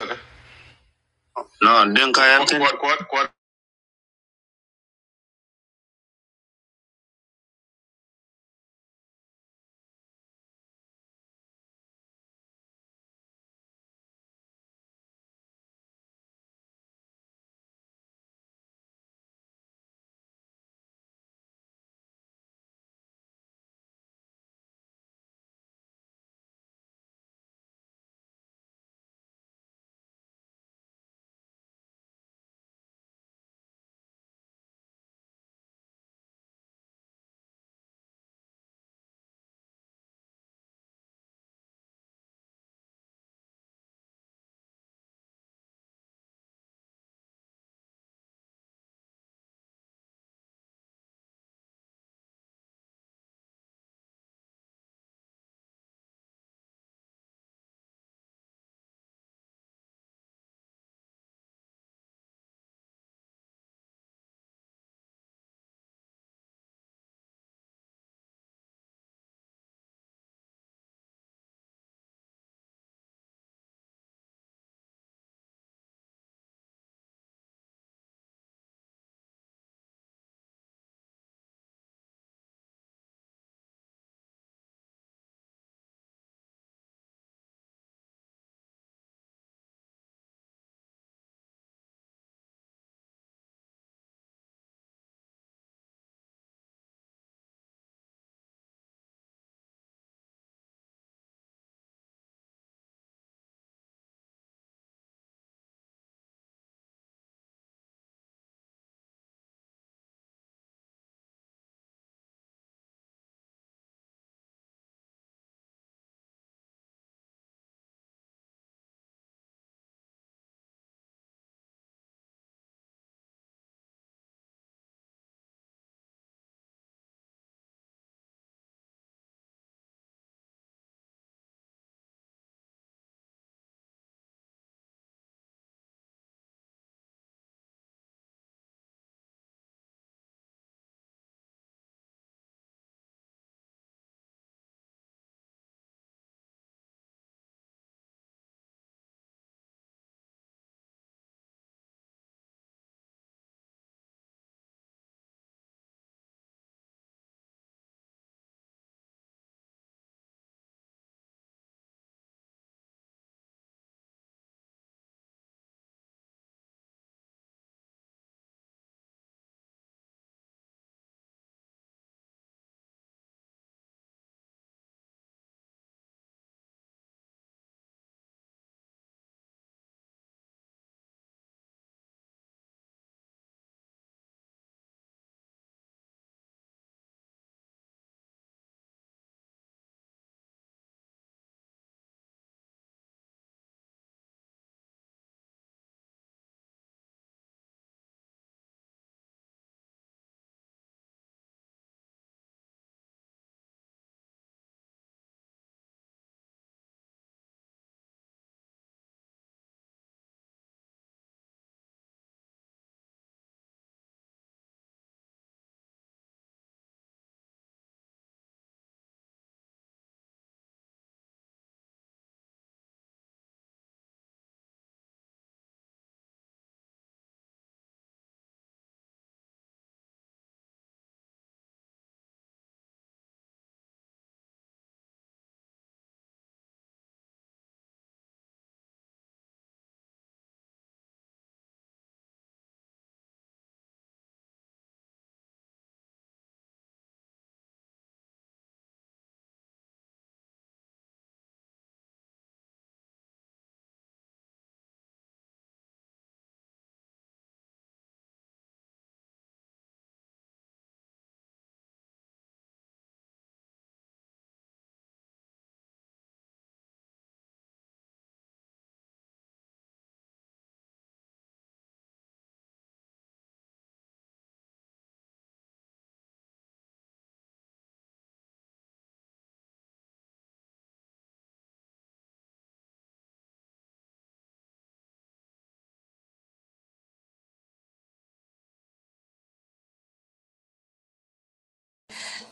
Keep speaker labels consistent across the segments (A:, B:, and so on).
A: No, Dinka Quad, Yelkin. quad, quad,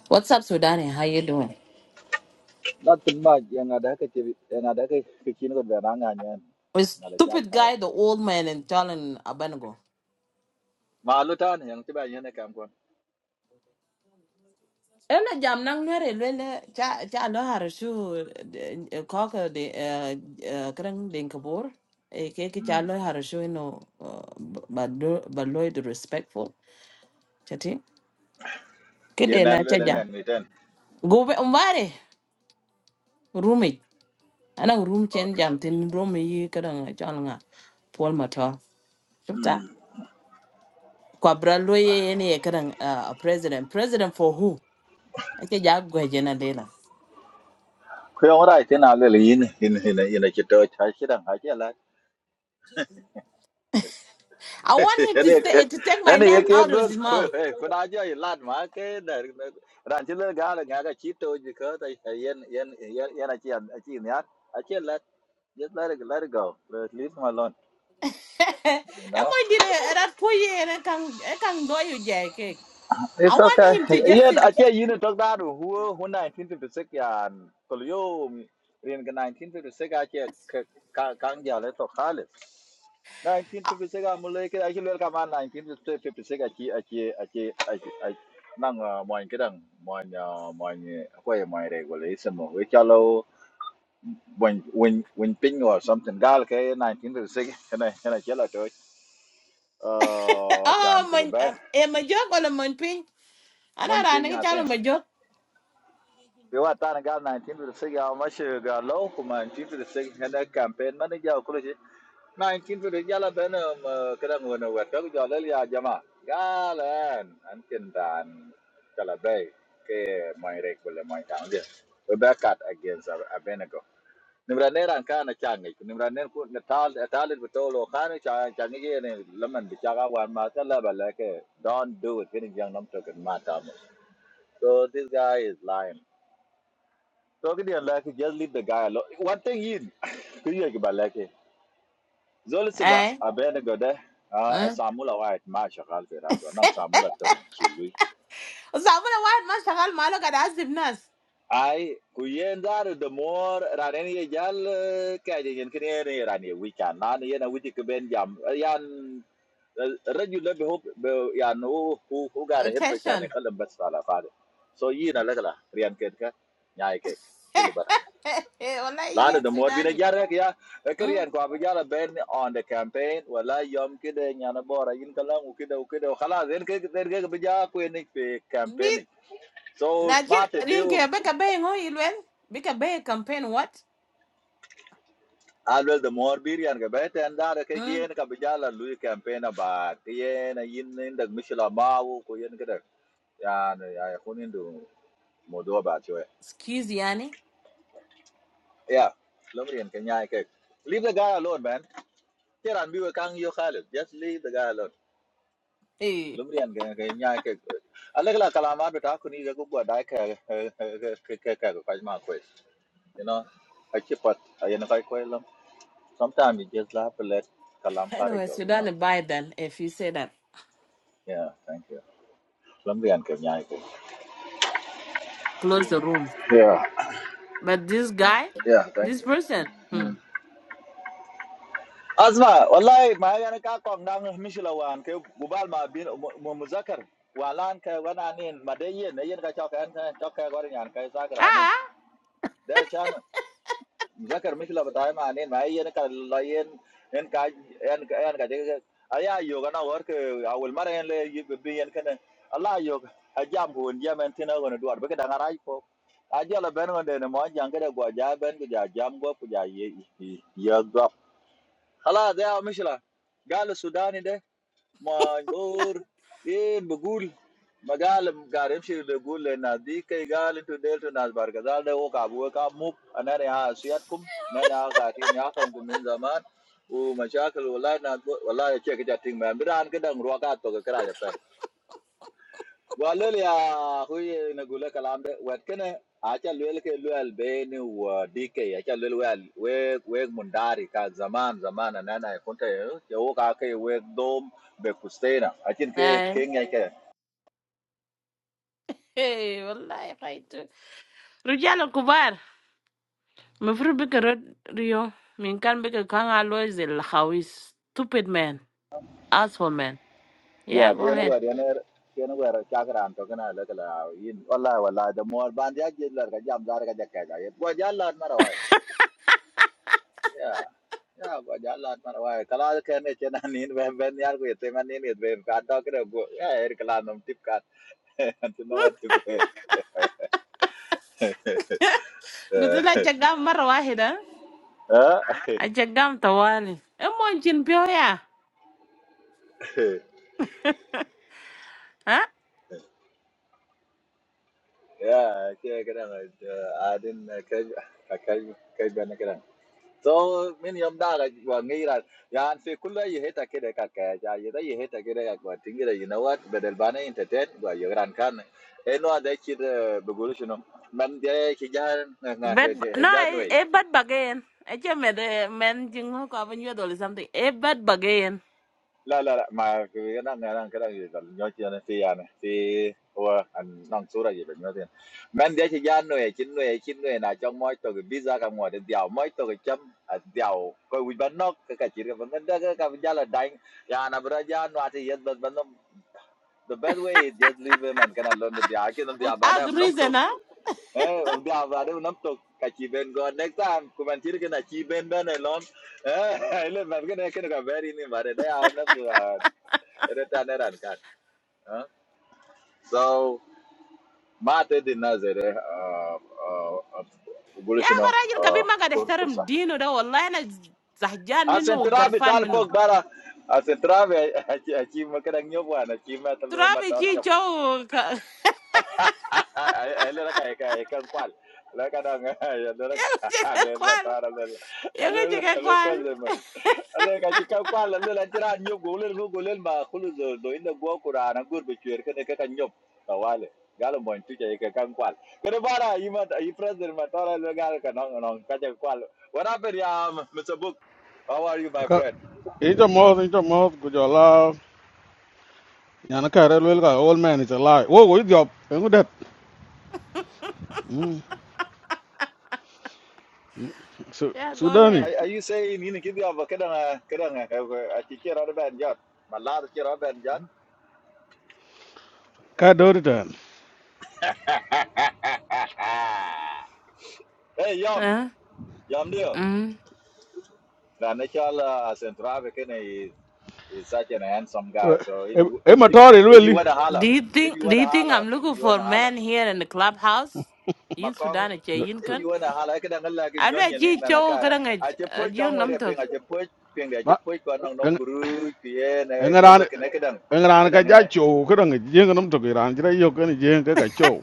A: What's up, Sudani? How you doing?
B: Nothing much. Yang ada ke cibi, yang ada ke kecil kot berangan yang
A: With
B: ada cak
A: stupid
B: kawat.
A: guy, the old man in Jalan Abanago.
B: Malu tan yang tiba yang nak kampun.
A: Ela jam nang nere lele cha cha lo har shu kaka de krang den kabor. E ke ke cha
B: Hmm.
A: lo har shu no ba ba lo respectful. Chati.
B: Yang
A: Kede
B: nan
A: na
B: lu
A: cha
B: le
A: ja.
B: nan miten.
A: Go be umbare roommate. Ana room chen
B: Okay.
A: jam tin room e yi krang cha nga. Paul Matar.
B: Hmm.
A: kwabra ye yene ye kadang uh, president president for who ake ja jena dela.
B: Kau yang orang itu nak lu le ini ini ini ini kita cai kita ngaji lah.
A: i want him to
B: Ini
A: stay to take my
B: ini ye
A: name
B: ke
A: out of
B: good.
A: his mouth
B: Hei, kau nak jadi lad mak ke dah. Ranci le gal ngaga cito jika tapi yang yang yang yang aci aci ni ar aci lad. Just let it let it go. Let- Leave him
A: e
B: alone.
A: mo dire erat poye and kan e kan do yu je i
B: It's
A: want
B: okay.
A: him to just
B: Yeah, I
A: sit
B: tell you, you talk that who who 1956 yeah, Tolio in 1956 I tell kang ya le to khalis. 1956 I'm like I tell you, 1956 I tell I tell I tell I I nang moin cái đằng moin moin quay moin regulation mà với cho lâu when when when ping or something gal ke 1956 cái này cái này chết là trời ờ chàng
A: oh
B: của
A: man
B: bé
A: um, e ma jog wala man pin ana
B: moin
A: ra
B: ping
A: ne
B: à
A: chalo ma jog
B: Vì vậy ta đang gặp 1956 ao mà sẽ gặp lâu 1956 hiện campaign mà nó giao cái gì 1956 giờ là bên mà cái đang nguồn ở trước giờ lấy ra mà gà lên anh kinh đàn cho là rek với mày đàn đi we back at against Ab- Abenago nimra ne ran ka na chang ni nimra ne ku na tal tal bi to lo ka ni cha cha ni ye ne laman bi wan ma ta la ke don't do it getting young nam to get mata so this guy is lying Talking to like lucky, just leave the guy alone. One thing in, could you give a lucky? Zolisiba,
A: eh
B: a better go Ah,
A: eh
B: Samula White, Masha Halfera, so Nang Samula Tom Chilui.
A: sabuna wad ma shagal malo kada azib nas
B: I, kuyen that? the more Rani Jal, Kajan and Canary Rani, we can, Nani and a Witty Kuben Jam, Yan, regular hope, Yan, who who got a hip and a
A: attention
B: Kalam Bastala father. So, Yin a little, Rian Ketka, Yaike,
A: wallahi
B: Lana
A: yin
B: the more bina
A: sudani
B: jara ya kariyan ko abijala ben on the campaign wala yom kide nyana bora yin kalam ukide ukide khala zen ke zen ke bija ko ni pe campaign so
A: na jir
B: mate
A: rin ke
B: deal
A: be ka be ngo ilwel be ka be campaign what
B: always the more birian ga bet and that ke
A: mm.
B: yen ka bijala lu campaign ba yen yin nin dag mishla mawu ko yen kide ya ya kunin do modo ba chwe
A: excuse yani
B: yeah lomrian ke nyai ke leave the guy alone man kiran biwe kang yo khalid just leave the guy alone
A: hey
B: lumrian ge ge nya ke alegla kalama do ta kuni ge gugwa da ke ke ke ke ko ma ko you know i keep what i know kai ko lam sometimes you just have to let kalam pare
A: anyways
B: go
A: you
B: you know
A: don't buy then if you say that
B: yeah thank you lumrian ke nya ke
A: close the room
B: yeah
A: but this guy
B: yeah thank
A: this
B: you
A: person mm.
B: mm. azma wallahi ma yana ka ko ndan mishila wan ke gubal ma bin mu muzakar walan ke wana nin madayen yin ka chaka an chaka gor nyan kai sagra
A: ah
B: nin Maza karmi shila batay maani maheen laheen heen kaj heen heen kaj ayah yoga na work awel marheen le yebbi heen kena Allah yoga ajam punja menti na gunde wad beke danga rajip ajal ben gunde na mojang ke da gwa ja ben guda jam gwa puja ye ye gwa hala dey awmishila galu Sudanide. Man, poor. In begul, Magal, Garimshir begul, le na. Di ke Magal to del to nasbarke. Dal de ho kabu, kabu. Ane ne ha siyat kum, ane ne ha kathi, ne ha kum min zaman. Oo mancha kalo lai na, lai achye ke chatting man. Biran ke dang ruaga to ke kara jape. Walol ya huye nagula kalambe watkene acha lwel ke lwel beni wa DK acha lwel wel weg weg mundari ka zaman zaman nana kunta ya woka ke we dom be kustena achin ke
A: eh,
B: kenya ke
A: hey wallahi khaitu rujal kubar mafru be ka rod- rio minkan kan ka kanga lois el khawis stupid man asshole man
B: ya
A: yeah go
B: ken
A: ahead
B: wer yaner ken wer chakran to kana la kala yin walla walla the more band ya jil la ka jam dar ka jakka ga yet gwa jalla marawai ya ya gwa jalla marawai kala ken ne chena nin ben ben yar ko yete man nin yet ben ka to kre go ya er kala nam tip So many of them are going. I see. All of
A: قلت له جقام مرة واحدة الجقام طوالي المهم جن بيو يا ها
B: you have taken a care. So many of them are going. I see. All of you have taken a care. Thinking that you know what. بدل بانا entertain ويجران كان إنه هذا كده بقول شنو من ده كجان نه
A: Bed no,
B: هجان وعي
A: e bad bed I just made de man jingo ko aven yedol or something. E bad bagain.
B: La la la. Ma, cái năng cái năng cái năng gì? Tự nhiên thì à, thì ô à, ăn năng số này gì vậy? Tự nhiên. Bên dưới chân người, chân người, chân người này trong mỗi tổ cái visa các mọi đều mỗi tổ cái chấm đều cái u bàn nóc cái cái chỉ cái phần ngân đơn cái cái văn là đánh. Dạ, nằm bên gia nua thì nhất bất bất nông. The best way is just leave man cái nào luôn bất diệt. Khi nào
A: With
B: diệt bạn
A: as
B: nào nông tục.
A: reason ah.
B: Này, làm bạn nào nông tục. Cái chi bên còn next time, cụm ăn chỉ cái nào chi bên đó này luôn. Này, mình cái này cái nó cái very này mà đây, à, nó. Eretanerakat, huh? So mate dinazere uh uh
A: yeah, أخي
B: abolitiono
A: راجل
B: uh
A: كبير ما قاعد
B: for
A: يحترم
B: forsa.
A: دينه ده والله أنا زهجان
B: A
A: منه
B: central
A: وقرفان
B: bital
A: منه
B: fog bara a central aqui uma caranha boa na cima
A: ترابي جي جو ك-
B: ele ka ka ka kwal la ka da nga ele ka le ma
A: كوال يا أخي جيك كوال
B: president man ele ka ti ka kwal ele la nyu go le ma khulu do do ina go qur'ana gur be chwer ka ka nyop ka galo mo tu ja ka kan kwal kene bara yi ma yi president ma le gal ka no no ka ja kwal what happened ya mr book how are you my
C: ka
B: friend
C: ita moth ita moth ku jola nyana ka re lwel ka old man is alive wo wo idiop engu det Mm. Su-
A: Yeah, go
C: sudani
A: ahead.
B: are, are you saying you give you kada kada a ti kira da ban jot ma la da kira ban jot
C: ka dori tan
B: Hey, Yom,
A: Huh?
B: Yom Dio.
A: mm.
B: The natural uh, Central African is, is such an handsome guy. So
C: e
B: if you
C: e
B: if, if you
C: matori
B: if you
C: lweli
B: want to holler,
A: Do you
B: if
A: think
B: you
A: Do
B: want to
A: you think
B: holler,
A: I'm
B: if
A: looking
B: you want
A: for
B: to holler,
A: men here in the clubhouse? In
B: Makong,
A: Sudan, it's a
B: if
C: Su-
A: yinkan.
B: you want to holler, I can not like in
A: I do
B: John
A: a
B: in
A: chi cho
B: Manaka.
A: karang
B: I just
A: a
B: put Kang where
A: young
B: ping, I just put ping, I
C: ba
B: just put Kwan on Nom Guru, Kien, good
C: engaran
B: looking, I can.
C: engaran ka
B: Kadang
C: ja
B: ini,
C: cho ko dang jeng nam to giran jira yo ken jeng ka ka cho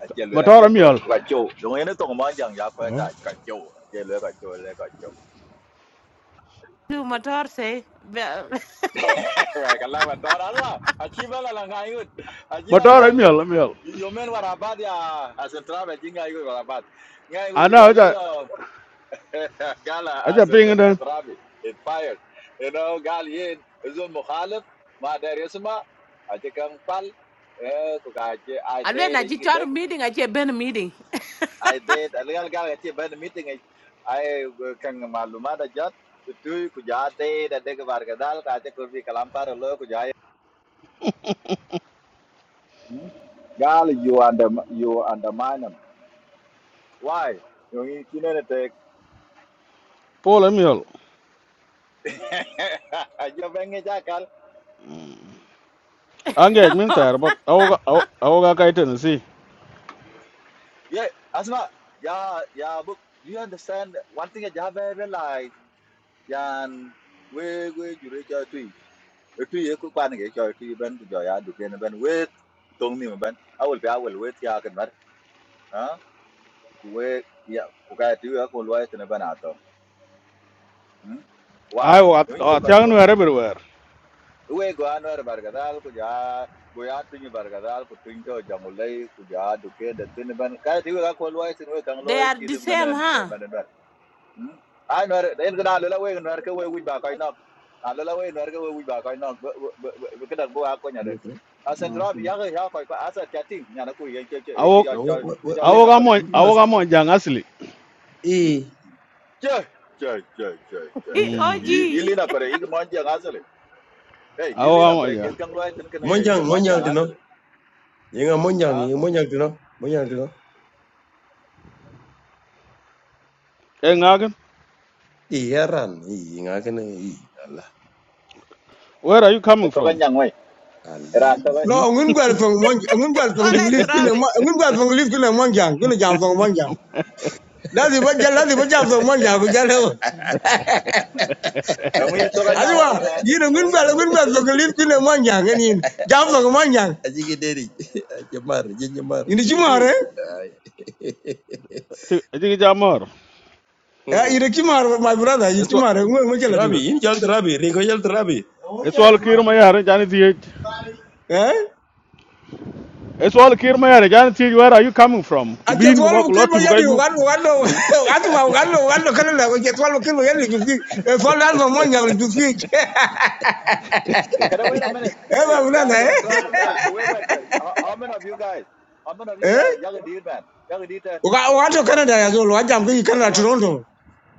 B: ajal
C: matora
B: lelaki kau
C: miol
B: kacau. Jangan ini tu kemana yang ya kau tak kacau. Ajal lelaki kacau, lu kacau.
A: tu motor say be-
B: Wah, kalau betul Allah, aci bela langai ikut, aci
C: matora
B: langai ikut.
C: miol miol
B: Yomen warabat ya, asentra beti ngai ikut warabat, ngai ikut
C: ana aja
B: kejalan lo. Kala
C: aja
B: asen
C: ping den
B: terapi, it fired. You know, gal yin zul mukhalif, ma dari semua, aci kang pal, eh, kau aci I
A: alwe
B: date
A: na
B: aji
A: chi chor
B: kidek,
A: meeting ache ben meeting
B: I date, algal gal aje benda meeting aji, I kang malumat ajat. Tu kujaade, ada kebar kadal, kaje kurbi kalam par lo, Hmm? Gal, you under you undermine them. Why? You need know that.
C: pola miol
B: You bang it, Jackal.
C: ange min tar ba au au ga kai ten si
B: Yeah, Asma. Yeah, yeah. But do you understand one thing? that You have realized. Yan, we we you reach out to it. It to you. Ku kwan ke cho to you ben ku jo ya du ken ben we tong ni ben. I will be I will wait ya kan bar. Ha? Ku we ya ku ka ti ya ku lo ya ben ato. Hmm?
C: ai
B: Why?
C: wa
B: You need to go
C: ta nu
B: to
C: everywhere
B: we go anwer bargadal ku ja go ya tun bargadal ku tun to jangulai ku ja duke da tin ban kai ti ga ko loy tin we kan
A: they
B: loy
A: are
B: chi
A: the
B: tu
A: same
B: menen eh,
A: huh
B: menen wer anwer den ga la we anwer ke we wi ba kai nok ala we anwer ke we wi ba kai nok be ke dak bo a ko nya de
D: Okay.
B: a sentra bi
D: Mhm.
B: ya ga ya ko ko asa chatting nya na ku ye che che che
C: Awok
D: Now, what,
B: cho
D: what, what,
B: cho
D: what?
C: awok
B: lina
C: amo
B: pare
D: I'm gonna
C: awok
D: ask.
C: amo jang asli.
B: Hmm?
D: Eh,
B: che che che che che
A: He
B: che
A: og
C: Mm.
B: yi lina pare yi mo ja ga sele hey yi
C: Awok
B: lina
C: amo
B: pare ken
C: jang.
B: kan loy tin kana ye ye
D: monjang,
B: mo ja
D: monjang,
B: ga
D: you know.
B: sele
D: Yenga monjang,
B: ah
D: yenga monjang, you know. Monjang, you know.
C: Eh ngagan.
D: Eh, yaran, eh, yenga kena, eh, Allah,
C: Where are you coming
B: Ito
C: from?
B: kanyang way.
D: Allah.
B: Era way.
C: Hmm.
D: No, I'm going to go from one. I'm going to go from
A: all
D: the
A: i
D: lift. You know,
A: trabi
D: I'm going to go from the lift to the one jang. Going to jump from one Jam That's what you love. What jump from one jang? What you love?
B: Kami ito
D: I
B: kanyang way man.
D: do. You know, going
B: Kami
D: to go Going to go from the lift to the one jang. And in jump from one jang. Aji ke deri, jemar, jen jemar. In the
B: BG.
D: tomorrow.
C: Ti ti jamor.
D: Eh, you the my brother, you
C: Eso
D: Kimar, we kill Trabi, it. in jal trabi, ringo jal trabi.
C: eso al kir ma yare jani ti.
D: Eh?
C: Eso al kir ma yare jani ti where are you coming from?
D: I just
C: Bin go
D: want
C: bak
D: to kill
C: lot
D: my
C: bu kay
D: yadi,
C: gu.
D: one, one, one,
C: Hmm.
D: one, one, one, one, Canada, we just want to kill my yadi to see. A fall out of money to see. Eh,
B: Can I wait a minute? Hey,
D: my brother,
B: yeah, Senator
D: eh?
B: Travis. Hey, wait, wait. okay. How, how many of you guys? How many of you
D: Eh?
B: guys? Young deal man. Young deal man.
D: What to
B: And as
D: Canada as well? What I'm going to
B: as
D: Canada,
B: what
D: Toronto.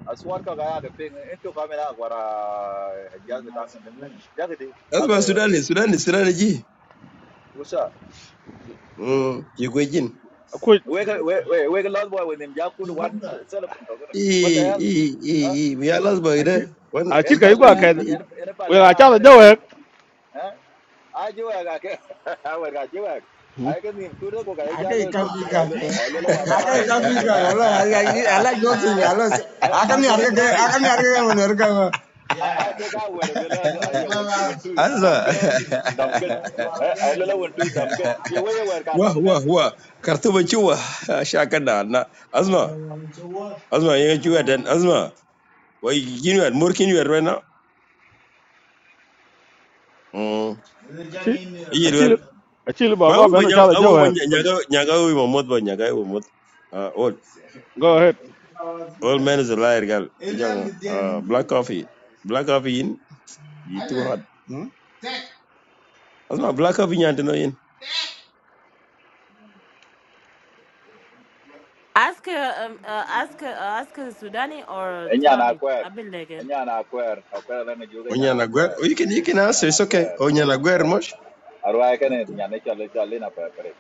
B: as what ka kaya the ping into kami na kwara jag takan de. Jag di. Jag
D: Asma Sudani, Sudani, Sudani ji.
B: usa.
D: Mm, je kwe jin.
C: Ko
B: Wait, wait, wait, wait. Lord boy with him. Jag could one celebrant. What the hell? Huh?
D: We are last by
C: achi
D: biya one.
C: achi
B: Yan
C: kay
D: ide.
C: go
B: pala,
C: ka.
D: Wan,
B: in yan
C: We
B: pala
C: ga
B: na
C: chala
B: Amerika
C: jawe.
B: yung, ajuwek ake awek ajuwek
C: Hmm.
B: aike nim kuno ko kai
D: I can't
B: jalo tok
D: copy
B: tok ai
D: cat.
B: lo ai lo wamba
D: I can't
B: dam
D: copy
B: dam ken
D: cat. I like, nothing.
B: eh
D: I like I can't things. I
B: eh
D: like. I can't
B: asana
D: argue.
B: trabi
D: I can't argue when you're coming.
B: aike ka were lo la aya wentu dam
D: Asma,
B: ken dam ken eh ai lo wentu dam ken ye we wer ka
D: wah
B: dam
D: wah
B: ken
D: wah, kartu bacuwa, shakan da na. Asma, Asma, yang cuwa dan Asma, wah gini wer, murkin wer mana? Hmm,
C: Achi
D: iya wer.
C: achi achi ba go
D: Bawu
C: benu
D: banyak,
C: chala
D: awu
C: jawe.
D: banyak nyaga nyaga awu mamut banyak nyaga awu mamut. Ah, old
C: Go ahead.
D: old man is a liar gal. Jangan, ah, black coffee, black coffee in, itu hot. Asma, black coffee nyantai no in.
A: ask uh, um, uh, ask uh, ask sudani or
B: enya na
A: trabi
B: kwer
A: I've been again
B: enya na kwer akwer la ne juga enya na
D: Onyana Gwer.
B: kwer
D: Oh, you can you can
B: enya
D: answer.
B: na
D: It's okay.
B: kwer enya na
D: Onyana Gwer
B: kwer
D: much.
B: arwaike ne nya ne chalo chalo na pare pare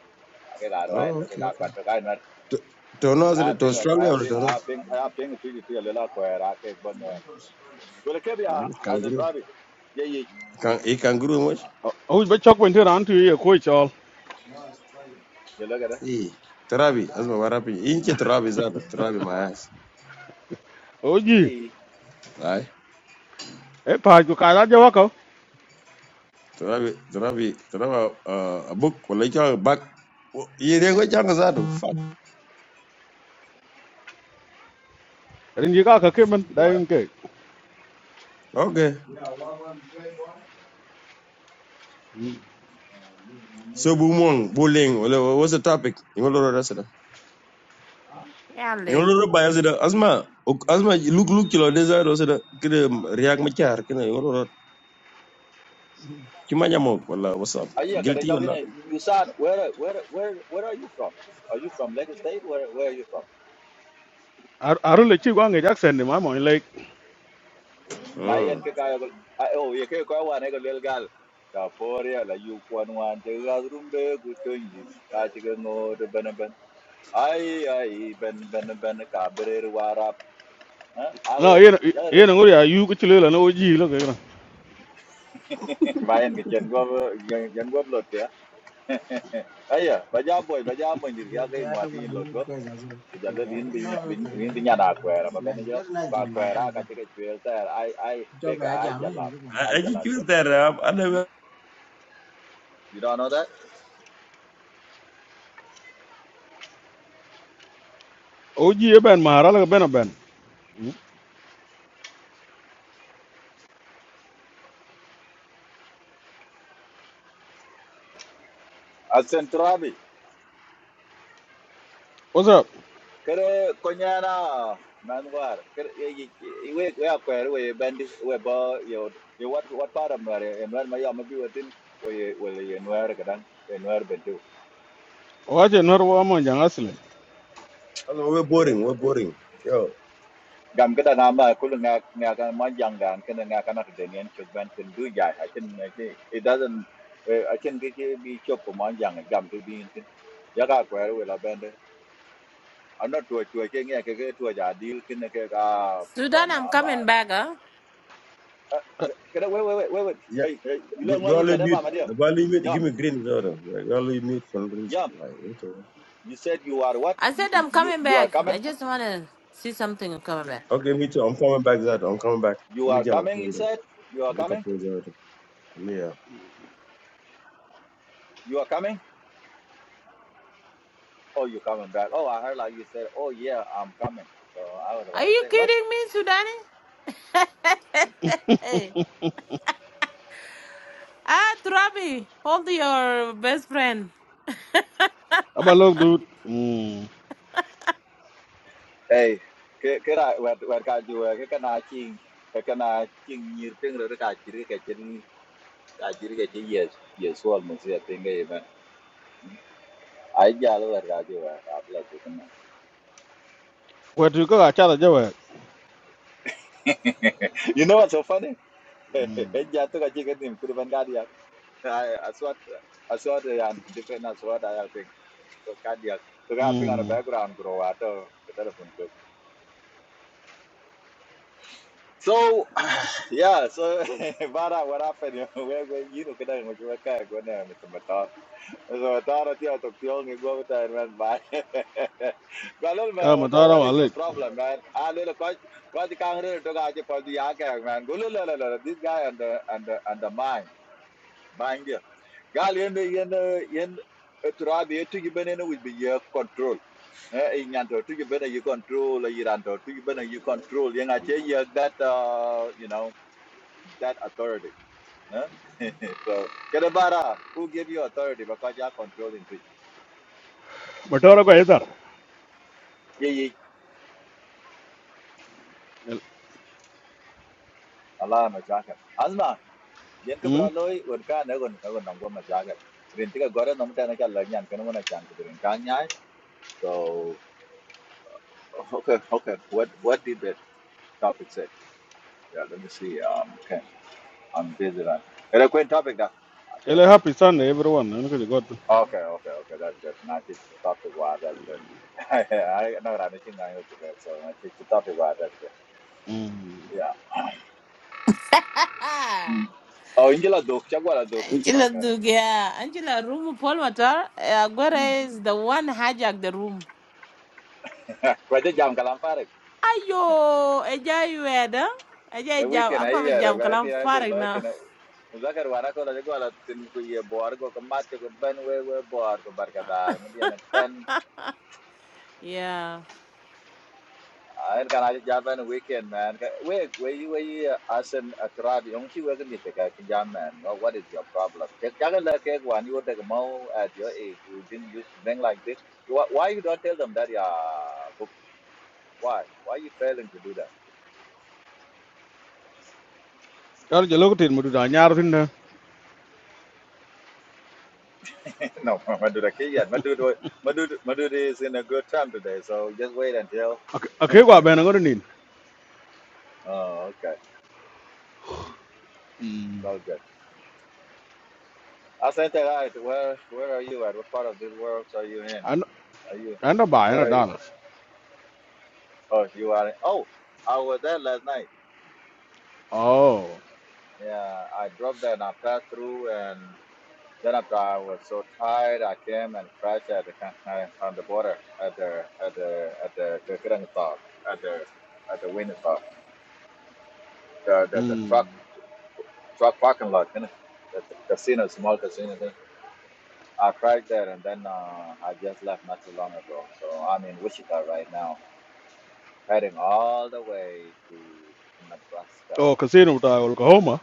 B: ake ka
D: Oh,
B: arwaike
D: okay,
B: ka
D: okay.
B: kwanto ka
D: To, to know
B: I
D: that to
B: ping,
D: Australia
B: I
D: or
B: ping,
D: to know?
B: I ping, I ping to you to your little square. I take one where. Well, it can be uh,
D: Mhm,
B: as a
D: Kangaroo.
B: driver. Yeah, yeah,
D: Can e kangaroo Mosh?
C: Oh, ba chok wen ti ran ti ye ko chol.
B: you look at it.
D: E. Turabi. Asma warapi. Inche turabi zaro. Turabi my ass.
C: Oji.
B: Yeah,
D: Aye.
C: E pa ju ka da jawa
D: Turabi turabi turabi uh, uh, a book. Wala icha back. Yirego changa zaro. Fuck.
C: rin ji ka ka ke man da yin ke
D: Okay. So bumong bullying. Wala what's the topic? Ingoloro rasida.
A: yeah link
D: Ingoloro ba yasida. Asma. ok- Asma look look kilo desire rasida. Kire react machar. Kire Kimanya Monk, wallah, what's up?
B: Ah, yeah, because
D: Guilty or not?
B: talking. You said where, where, where, where are you from? Are you from Lake State? Where, where are you from?
C: aru le chi gwa nge jackson ni ma mo le
B: My
D: Mm.
B: and Kaka. Oh, you can't go one little girl. The poor la you one one. The other room be good doing it. I take a no the beneben. Ay, ay, ben, ben, ben, cabrera, warap. Huh?
C: no
B: Awake.
C: ye ye
B: Yeah,
C: ngori ya yu ku chi le na oji lo ke na
B: my and get go, get go blood. Aya, baja boy, baja boy, ndir ya kai
D: Yeah, I don't
B: ngwati
D: want
B: yin
D: to
B: lot
D: work
B: go.
D: with as well.
B: Kujalo
D: Yeah, I
B: lin
D: don't
B: bin
D: know
B: bin
D: everything. man.
B: bin bin yana kwera,
D: It's
B: baba ne
D: nice.
B: jo
D: You're nice
B: kwa
D: one, my
B: kwera
D: bad
B: ka
D: guy.
B: tike chwel ter. Ai ai
D: Job
B: ke ka
D: I
B: ai
D: jam, eh?
B: jalap, ai
D: I, I just
B: jalap
D: choose
B: chol.
D: that. Uh, I never,
B: You don't know that?
C: oji e ben mahara la ben ben
B: Asentrabi.
C: oza
B: Kere konyana manwar. Kere ye ye we we akwera we bandi we ba yo yo what what part of nwar en nwar ma ya mabi watin we le en nwar kadan nwar bentu.
C: o aje nor wa mo jang asle
D: I know we're boring. We're boring. Yo,
B: gam kada na ma kulu nga nga ka ma jang dan kana nga kana to den yen chuk ban tin ja can make it it doesn't eh, i can ke ke bi chop ko ma jang gam to bi tin ya ga kwa we la bende ana to to ke nga ke ke to ja dil kin ke ga kwa
A: sudan i'm
B: na
A: coming
B: ba
A: back huh
B: Ah, kada we we we we
D: yeah.
B: hey hey you learn
D: Do,
B: what
D: do I
B: you
D: leave
B: kada ma
D: mute?
B: ma dia
D: Do I leave mute? Give
B: yam
D: me green order. Like, do I leave mute for no reason?
B: yam
D: Like, okay.
B: you said you are what
A: i said i'm
B: you
A: coming
B: you are
A: back
B: coming
A: i just want to see something i'm coming back
D: Okay, me too. I'm coming back. That I'm coming back.
B: you
D: I'm gonna
B: are
D: I'm
B: coming you
D: coming back.
B: said you are
D: I look up
B: coming
D: those
B: you are coming Oh, you're coming back. Oh, I heard like you said, oh yeah, I'm coming. So I was about
A: are
B: to
A: you
B: say, what?
A: kidding me sudani hey ah trabi hold your best friend
C: aba lo du mm
B: Hey, cái cái đại vật vật cái gì vậy? cái cái nào chinh cái cái nào chinh nhiều tiếng rồi cái chỉ cái chỉ cái chỉ cái chỉ yes yes one mà sẽ tiếng cái mà ai giờ luôn vật cái gì vậy? Áp lực tụi con. này.
C: ko tu ka cha da jawe
B: You know what's so funny? Hết giờ tôi cái chỉ cái niệm cứ bên cái đi. I I saw I saw the and different as what I think. So cái đi. Tôi cái ping on the
C: mm
B: background grow out of the telephone. So yeah, so bara what happened? We we you know kada mo chuma ka ko na mo tumata. So tara ti atok ti ongi go ta man ba. Galal
C: ka
B: ma
C: ma
B: what
C: tara
B: what
C: wa
B: is
C: le
B: your problem man? Ah lele ko ko ti kang re to ga ti pa di ya ka man. Go la la la this guy and the and the and the mine bandia gal yen yen yen turabi yetu gibene ne will be your control eh in yanto to gibene you control eh, iranto to gibene you control yen ache ye that uh, you know that authority eh? so kedabara who gave you authority because you are controlling to
C: ma tara ko eta
B: ye ye allah ma jaka azma yen ke
C: mm
B: braloi won ka ne gon ka gon ngwa ma jaka rin tiga gore no mutana ka lang yan kana wona chan ko rin kan nyai so okay okay what what did that topic say Yeah, let me see. Um, okay, I'm busy right now. Can I quit topic now? I
C: ele
B: can't see.
C: happy sunday everyone na ko god
B: Okay, okay, okay. That's good. Now it's topic wise. That's good. I know I'm thinking I'm not debate, so now it's topic wise. That's good.
C: mm
B: Yeah. Mm. Oh, Angela Duke. Chagwala Duke.
A: Angela
B: Okay.
A: Dugia, Angela room Paul Matar,
B: Mm.
A: Aguero is the one hijacked the room.
B: Kwa jam kalam
A: Ayo, Eja you had, huh?
B: A
A: jam,
B: weekend ay
A: Akwa
B: yera
A: jam,
B: ga ki
A: kalam
B: ay gwer
A: farig
B: lo
A: now.
B: ken. Zakar wara ko la jagwala tin ku ye boar go ko matte ko ben we we bor ko barka dal. ten.
A: Yeah.
B: I Ayen kan aja jaban weekend man. Ka- We we you we asen atrabi on chi we mi te guy? Can jam man. Well, what is your problem? Check jaga la ke wan you de mo at your age. We didn't use to drink like this. You- Why why you don't tell them that ya book? Why why you failing to do that?
C: kar je lo tin mu du da nyar tin na
B: no, Maduda ke yet. Maduda Maduda Maduda is in a good time today. So just wait until.
C: ake gwa ben ngori ni
B: Oh okay,
C: mm
B: so good. Asante right. Where where are you at? What part of this world are you in?
C: an
B: Are you
C: an da ba na
B: where?
C: dal
B: Oh, you are. Oh, I was there last night.
C: oh
B: Yeah, I dropped and I passed through, and then after I was so tired, I came and crashed at the con- uh, on the border at the at the at the Kirkland stop at the at the Wynn stop. The the, the truck
C: mm
B: truck parking lot, you know, the, the casino, small casino. There. I crashed there, and then uh, I just left not too long ago. So I'm in Wichita right now, heading all the way to Nebraska.
C: oh casino ta Oklahoma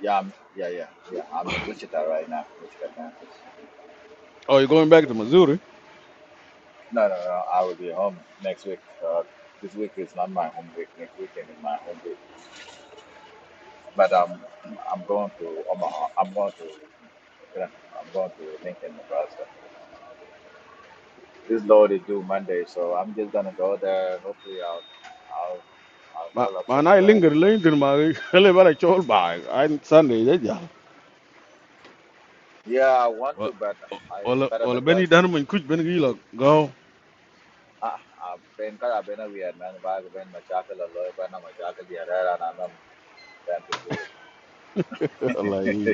B: Yeah, I'm, yeah, yeah, yeah. I'm in Wichita right now, Wichita, Kansas.
C: oh you're going back to Missouri
B: No, no, no. I will be home next week. Uh, this week is not my home week. Next weekend is my home week. But um, I'm going to Omaha. I'm going to, I'm going to Lincoln, Nebraska. This load is due Monday, so I'm just gonna go there. Hopefully, I'll, I'll, I'll
C: ma
B: call up
C: ma
B: some
C: na
B: friends.
C: linger linger ma hele bara chol ba an Sunday je ja
B: Yeah, I want
C: Wa-
B: to, but
C: o-
B: I
C: wala
B: better
C: wala
B: bajal.
C: beni dan mun kuj ben gi la go
B: Ah, I've been, I've been a weird man. I've been machakal a lawyer, but I'm machakal the other, and I'm not to. do it.
C: wallahi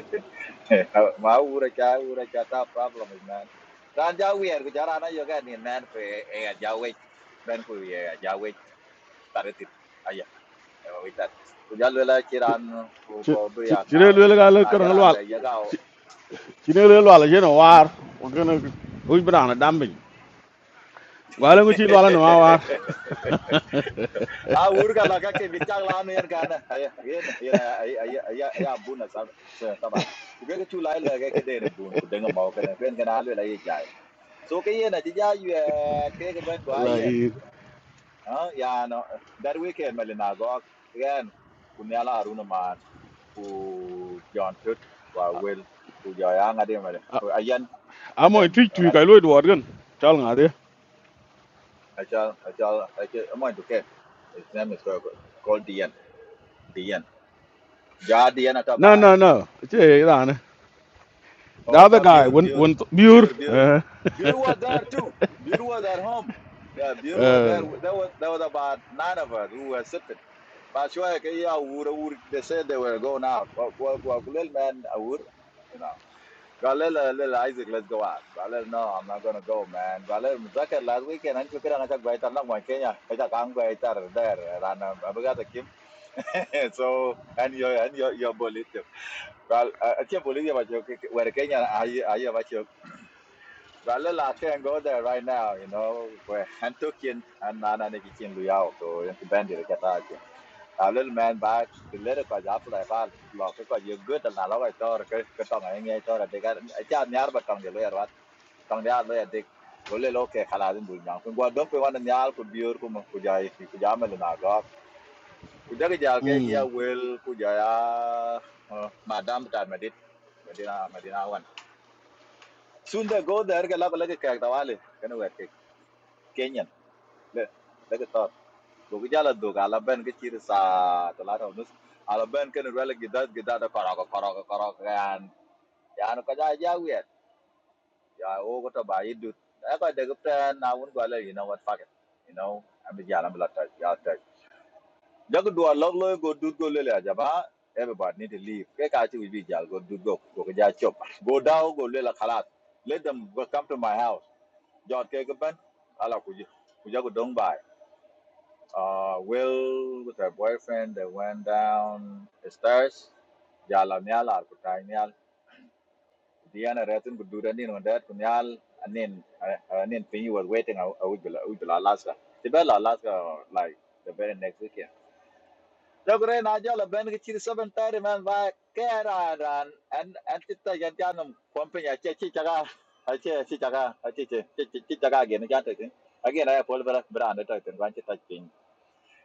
B: ma ura cha ura cha ta problem is man ran ja wi er ja rana yo ni man pe e ga ja wi ben ku ye ga ja wi tar ti aya e wi tar ku ja la chi ran
C: ci
B: po bi
C: ci ci le
B: na
C: le ga le
B: na
C: kan
B: ja ran
C: wal
B: be ye ga o
C: ci le le wal je no war o gëna kuj bra na dambi wala ngi ci wala no war
B: a ur ga la ga ke bi cha la no yen ga na aya yen yen aya aya aya bu na sa sa ta ba ku chu lai la ga ke de ne bu ku de ga ma ka ne ben ga na le la ye ja so ke yen a ti ja yu ke ga ben ga yen
C: wallahi
B: Ah, yeah, no, that weekend, Malinagok, again, Kunyala Aruna man, who John Tut, who will, who Joyang Adim, Ayan, and
C: amo
B: then
C: tu tu kay loy do war gën chal nga de
B: I shall, I shall, I shall, I'm going get his name is called, called Dian, Dian, Ja Dian
C: no
B: Atabai.
C: no no ci ra na the
B: Oh, I
C: other
B: shall
C: guy
B: Bill,
C: when
B: Bill,
C: when pure
B: Bill, Bill, was there too, Bill was at home. Yeah, Bill was
C: uh
B: there, That was, that was about nine of us who were sick. But sure, yeah, would would they said they were going out. Well, well, well, little man, I would, you know. Got little, Isaac, let's go out. Got no, I'm not gonna go, man. Got little, Muzakar last weekend, and you can attack by Tanam, Kenya, attack Angwa, there, and I'm got Kim. So, and your, and your, your bullet. Well, I can't believe you, but you were Kenya, I, I, but you. Got I can't go there right now, you know, where Antukin and Nana Nikikin Luyao, so, and to bend it, get out a little man ba the letter ko ja fly ba lo ke ko ye good na lo ko tor ke ke tong ai ngai tor de ga cha nyar ba tong de lo yar wat tong ya lo ya de go le lo ke khala din bu nyang ko go dom pe wan nyar ko biur ko mo ko ja ki ko ja me na ga ku ja ja ke
C: Mm.
B: ja medina medina wan soon they go there ke la ko le ke no kenyan le le Dog jala dog ala ben ke chiri sa talata nus ala ben ken rela gidat gidat da karaga karaga karaga yan yan ko ja ja wet ya o ko to ba idut ya ko de gupta na won go ala you know what fuck it you know i am ja ala bla ta ya ta do a log go dut go le ja ba everybody need to leave ke ka chi bi jal go dut go go ko ja chop go down go le la khalat let them go come to my house jot ke ko ben ala ku ji ku ja Uh, Will with her boyfriend, they went down the stairs. Yala nyal ar kutai nyal. Diana retin kududa nin wandet kunyal anin uh, anin pinyi was waiting a ujula ujula Alaska. Tibela Alaska or, like the very next weekend. Jogre na jala ben kichiri seven thirty man ba kera ran and and tita yantianum pumping a chichi chaga a chichi chaga a chichi chichi chaga again again again I pull back brand at it and want to touch.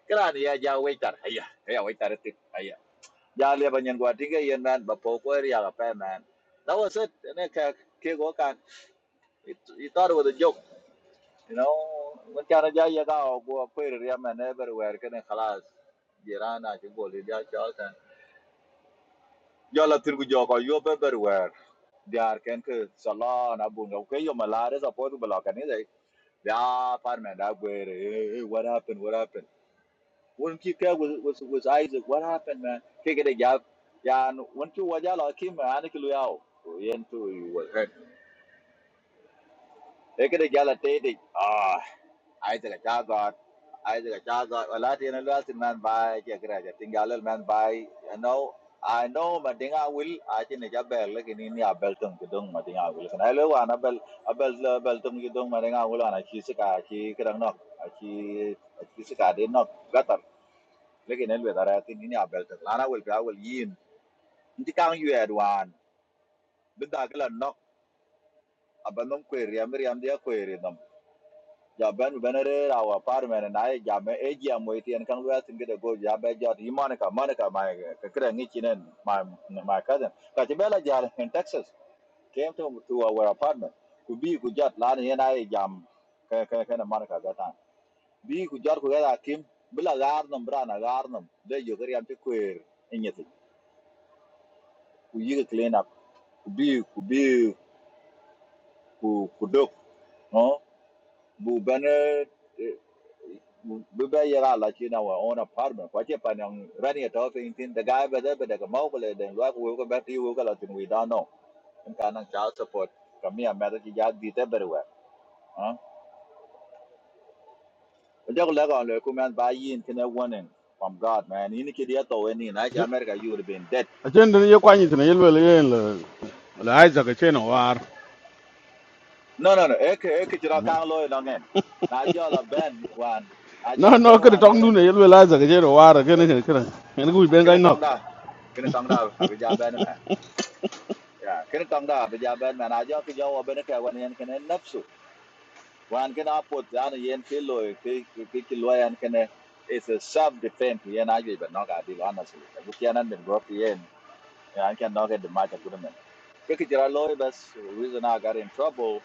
B: Kran ya ja waitar. Aya, ya waiter ti. ayah. Ja le banyan gwa tinga yen man ba po ko ya ga pa man. That was it. Ne ka ke go kan. It he joke, you know. Mun kana ja ya ga go ko ya man everywhere kan kelas Jirana ji go le ja cha san. Jo la yo everywhere. Diar ken ke salon abun ga ke yo malare sa po du block ani dai. Ya par man da What happened? What happened? won ki ka was was was Isaac what happened man ke ke ya yeah. won ki wa jala ki ma an ki lu yao yen tu you was hurt e ke de jala te de ah Isaac ja god Isaac ja god wala te na lu asin man by. bai ke kra ja tingalal man by. you know I know mà tiếng Anh will I chỉ nói bell là cái này à bell tung cái đông mà tiếng Anh will cái này là anh bell à bell bell tung cái đông mà tiếng I will anh chỉ sẽ cả chỉ cái răng nó chỉ chỉ sẽ cả đến nó lekin elwe daratin ini abel ta lana wel ga wel yin inti kan yu edwan bida kala nok abanom kweri amri am dia kweri nam ja ben benere awa parmen na ye ja me eji amoyti en kan wel tinge de go ja be jot yi monica monica my ka kra ngi chinen my my cousin ka ti bela ja in texas came to to our apartment ku bi ku jot lana ye na ye jam ka ka ka na monica ga ta bi ku jot ku ga kim bila garnam brana garnam de yo gari am ti kweri inyeti ku yi clean up bi ku bi ku ku dok no bu bane eh, bu ba yara la chi na wa on apartment kwa che pa nang rani to thing tin the guy ba da ba da ka mau le den wa ku ko ba ti wo ka la tin we da no in ka nang child support ka mi a ma da chi ya di te ber wa ha o ja ko la ga le ku man ba yin tin a warning from god man ni ni ki dia to we ni na chi america you would have been dead
C: A chen de ye kwani tene yelwe le yen le le aiza ke chen war.
B: no no no e ke e ke chi ra ka lo no ngen na jo la ben wan a
C: No
B: jo la
C: no
B: ben
C: ke de
B: wan
C: tong du ne
B: ga
C: yelwe la aiza ke chen war ke ne ke ne. En ku ben ga
B: kene tong
C: nok.
B: da kene tong da abi ja ben ya kene tong da abi ja ben me na jo ki wan yen kene nafsu wan kene apot dan yen ki lo ki ki ki it's a self defense yen agi but not adi honestly bu ki anan go pi yen kan no the match of good ke ki jira bas reason i got in trouble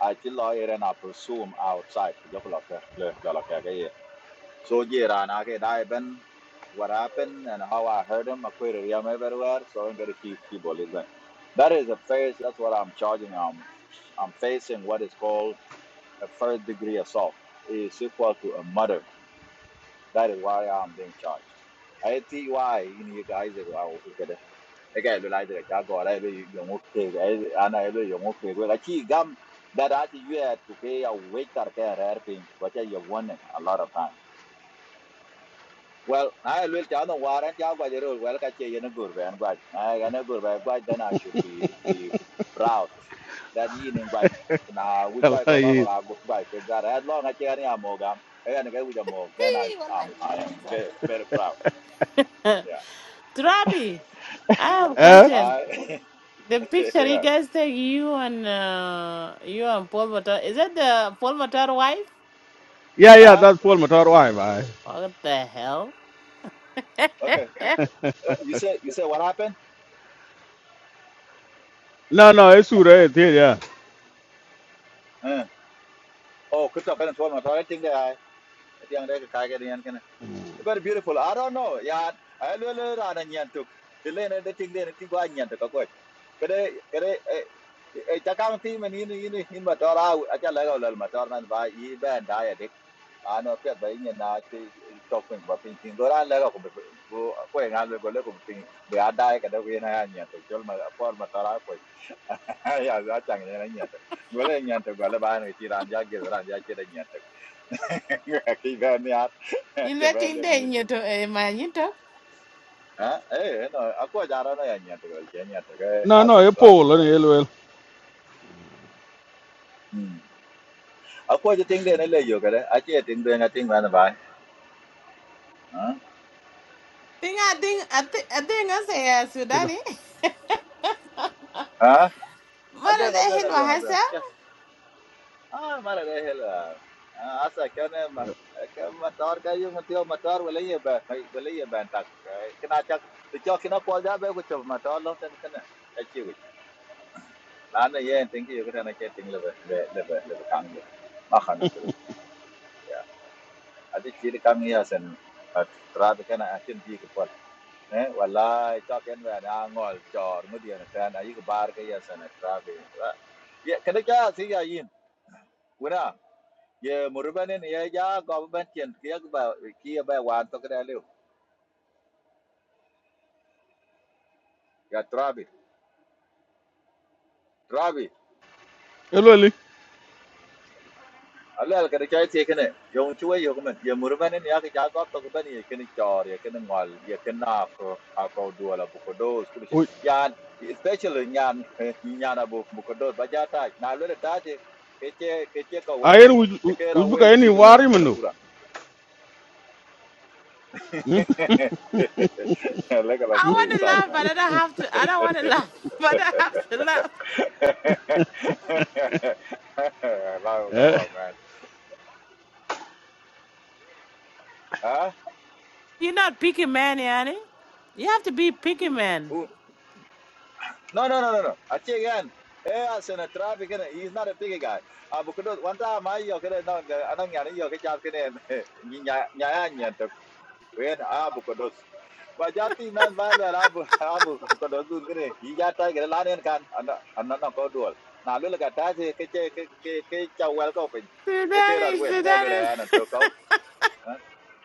B: i chill lo and i pursue him outside jo ka le la la ka ga ye. So yeah, and I get I been what happened and how I heard him. I quit him everywhere, so I'm gonna keep keep on listening. That is a phase. That's what I'm charging. I'm I'm facing what is called a first degree assault. It's equal to a murder. That is why I'm being charged. I tell you why you know you guys are out to get it. I got realize that I go. I be young okay. right? I know I be okay. Well, I see gum that I see you had to pay a waiter care helping, which I have won a lot of time. Well, I will tell them war and Jagua the rule. Well, catch you in a good way and but I can a good way, but then I should be be proud that you in but now we can go
C: Wallahi.
B: back that as long as you are a mogam and get with a mog, then I
A: Hey,
B: am
A: wallahi,
B: I
A: you
B: am
A: know,
B: very, very proud. Yeah.
A: Trabi, I have a
C: Eh?
A: question.
B: I
A: The picture you
B: yeah.
A: guys take, you and uh, you and Paul Matar, is that the Paul Matar wife?
C: Yeah yeah
B: Huh?
C: that's Paul Motor why bye.
A: What the hell?
B: Okay.
A: Eh,
B: Uh, you say you say what happened?
C: No no e sure e te ya.
B: Uh, oh, crypto pen told me I think that I think that I can get in. Very beautiful. I don't know. Yeah, I will run a nyantuk. Till then, the thing then, I think one nyantuk. Okay. Kere, kere, eh, chakang team and in in in motor out at a level of motor man by e band diadic. I know Pet by Indian chopping, but painting go around leg of going out go look of thing. We are dying at the way in a nyantuk. Tell my former tarapo. Yeah, yeah, that's a nyantuk. Well, a nyantuk, well, a ban with Iran Jagger, and Jackie and nyantuk. Keep on the
A: You letting the
B: art.
A: nyoto, eh, man, nyoto?
B: Ah, eh, no, aku jaro na ya nyato ko, ya nyato ko,
C: No no
B: asen
C: e
B: trapping
C: Paul ne
B: ya.
C: yelwe.
B: Hmm. Aku je ting de na le yo kare, aje ting de na ting mana bai. Ah,
A: Think I think I think I think I say uh, Sudani.
B: ah, abe
A: Mother,
B: na
A: they
B: be
A: hit
B: na be na be.
A: myself.
B: Ke, ah, mara de hela. Ah, asa kana ma, ka matar ka yo matio matar wala ye ba, wala ye ba tak. Kena tak, tu cho kena ko ja be ko cho matar lo ten kana. Ka wi. La ye ting yo kare na ke ting le le le le kam yo. Ma khana dulu. adi ci kam ni asen at trabe kana atin bi ko pol eh wallahi to ken wa na ngol jor ngudi na tan ayi ko bar ke yasen trabe ye kada ka si ya yin wona ye murbanen ya ja go ban tien ke ba ki ba wan to kada lew ya trabe trabe
C: Yelwe li.
B: Allah al kada chai tie kene yong chue yo men ye murban en ya ke ja got to ben ye kene chor ye kene ngol ye kena ko ha ko du ala bu ko do skul chi
C: U
B: yan especially nyan nyana bu bu ko do ba ja ta na lo ta je ke che ke che ko wel
C: ayen
B: pin ye
C: u
B: ke
C: u
B: ra
C: bu
B: wel
C: ka ni
B: chi de
C: war
B: men
C: yi
B: men
C: mno.
B: pura like a
A: I
B: play
A: want to
B: Stop.
A: laugh,
B: man
A: but I don't have to. I don't want to laugh, but I have to laugh.
B: la come
C: Eh?
B: on man huh
A: You're not picky man, Yanni. You have to be picky man.
B: No, no, no, no, no. Aquí again. Eh, hace una traffic. eh, He's not a big guy. Ah, porque no, one time I yo que no, no, anong yani yo que jab que ne, ni nya nya nya to. When ah, porque dos. Ba jati man ba lo la bu ah bu porque dos dun que ne. Y ya ta que la nen kan. Ana ana no ko dual. Na lo la ta se que que que que que chau wel ko pe. Que que ra
A: Sudani,
B: wel, ga lo la
A: Sudani,
B: ana to ko.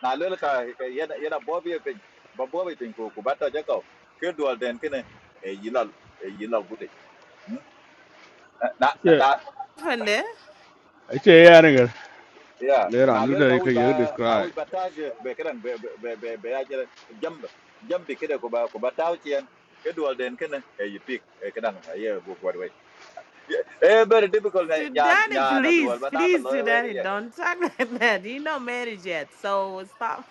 B: Na lo la ka ya ya bo bi pe. Ba bo bi tin ko ko ba ta ja ko. Que dual den que ne. E yilal e yilal Na na
C: Che
B: na
A: from there.
C: e che ya ne ga.
B: yeah
C: Le
B: na
C: ran du
B: lola
C: de
B: kauh
C: ke ye
B: ba kauh
C: describe.
B: batage bekereng be be be be be aja jump jump bekereng kub kubatau kian kedual den kena ayu pick ay kereng ayer bu buat way eh very difficult na yan
A: Sudani,
B: yan na dual
A: please,
B: mandang
A: please,
B: kalau
A: Sudani,
B: ayer
A: don't talk like that. You're not married yet, so stop.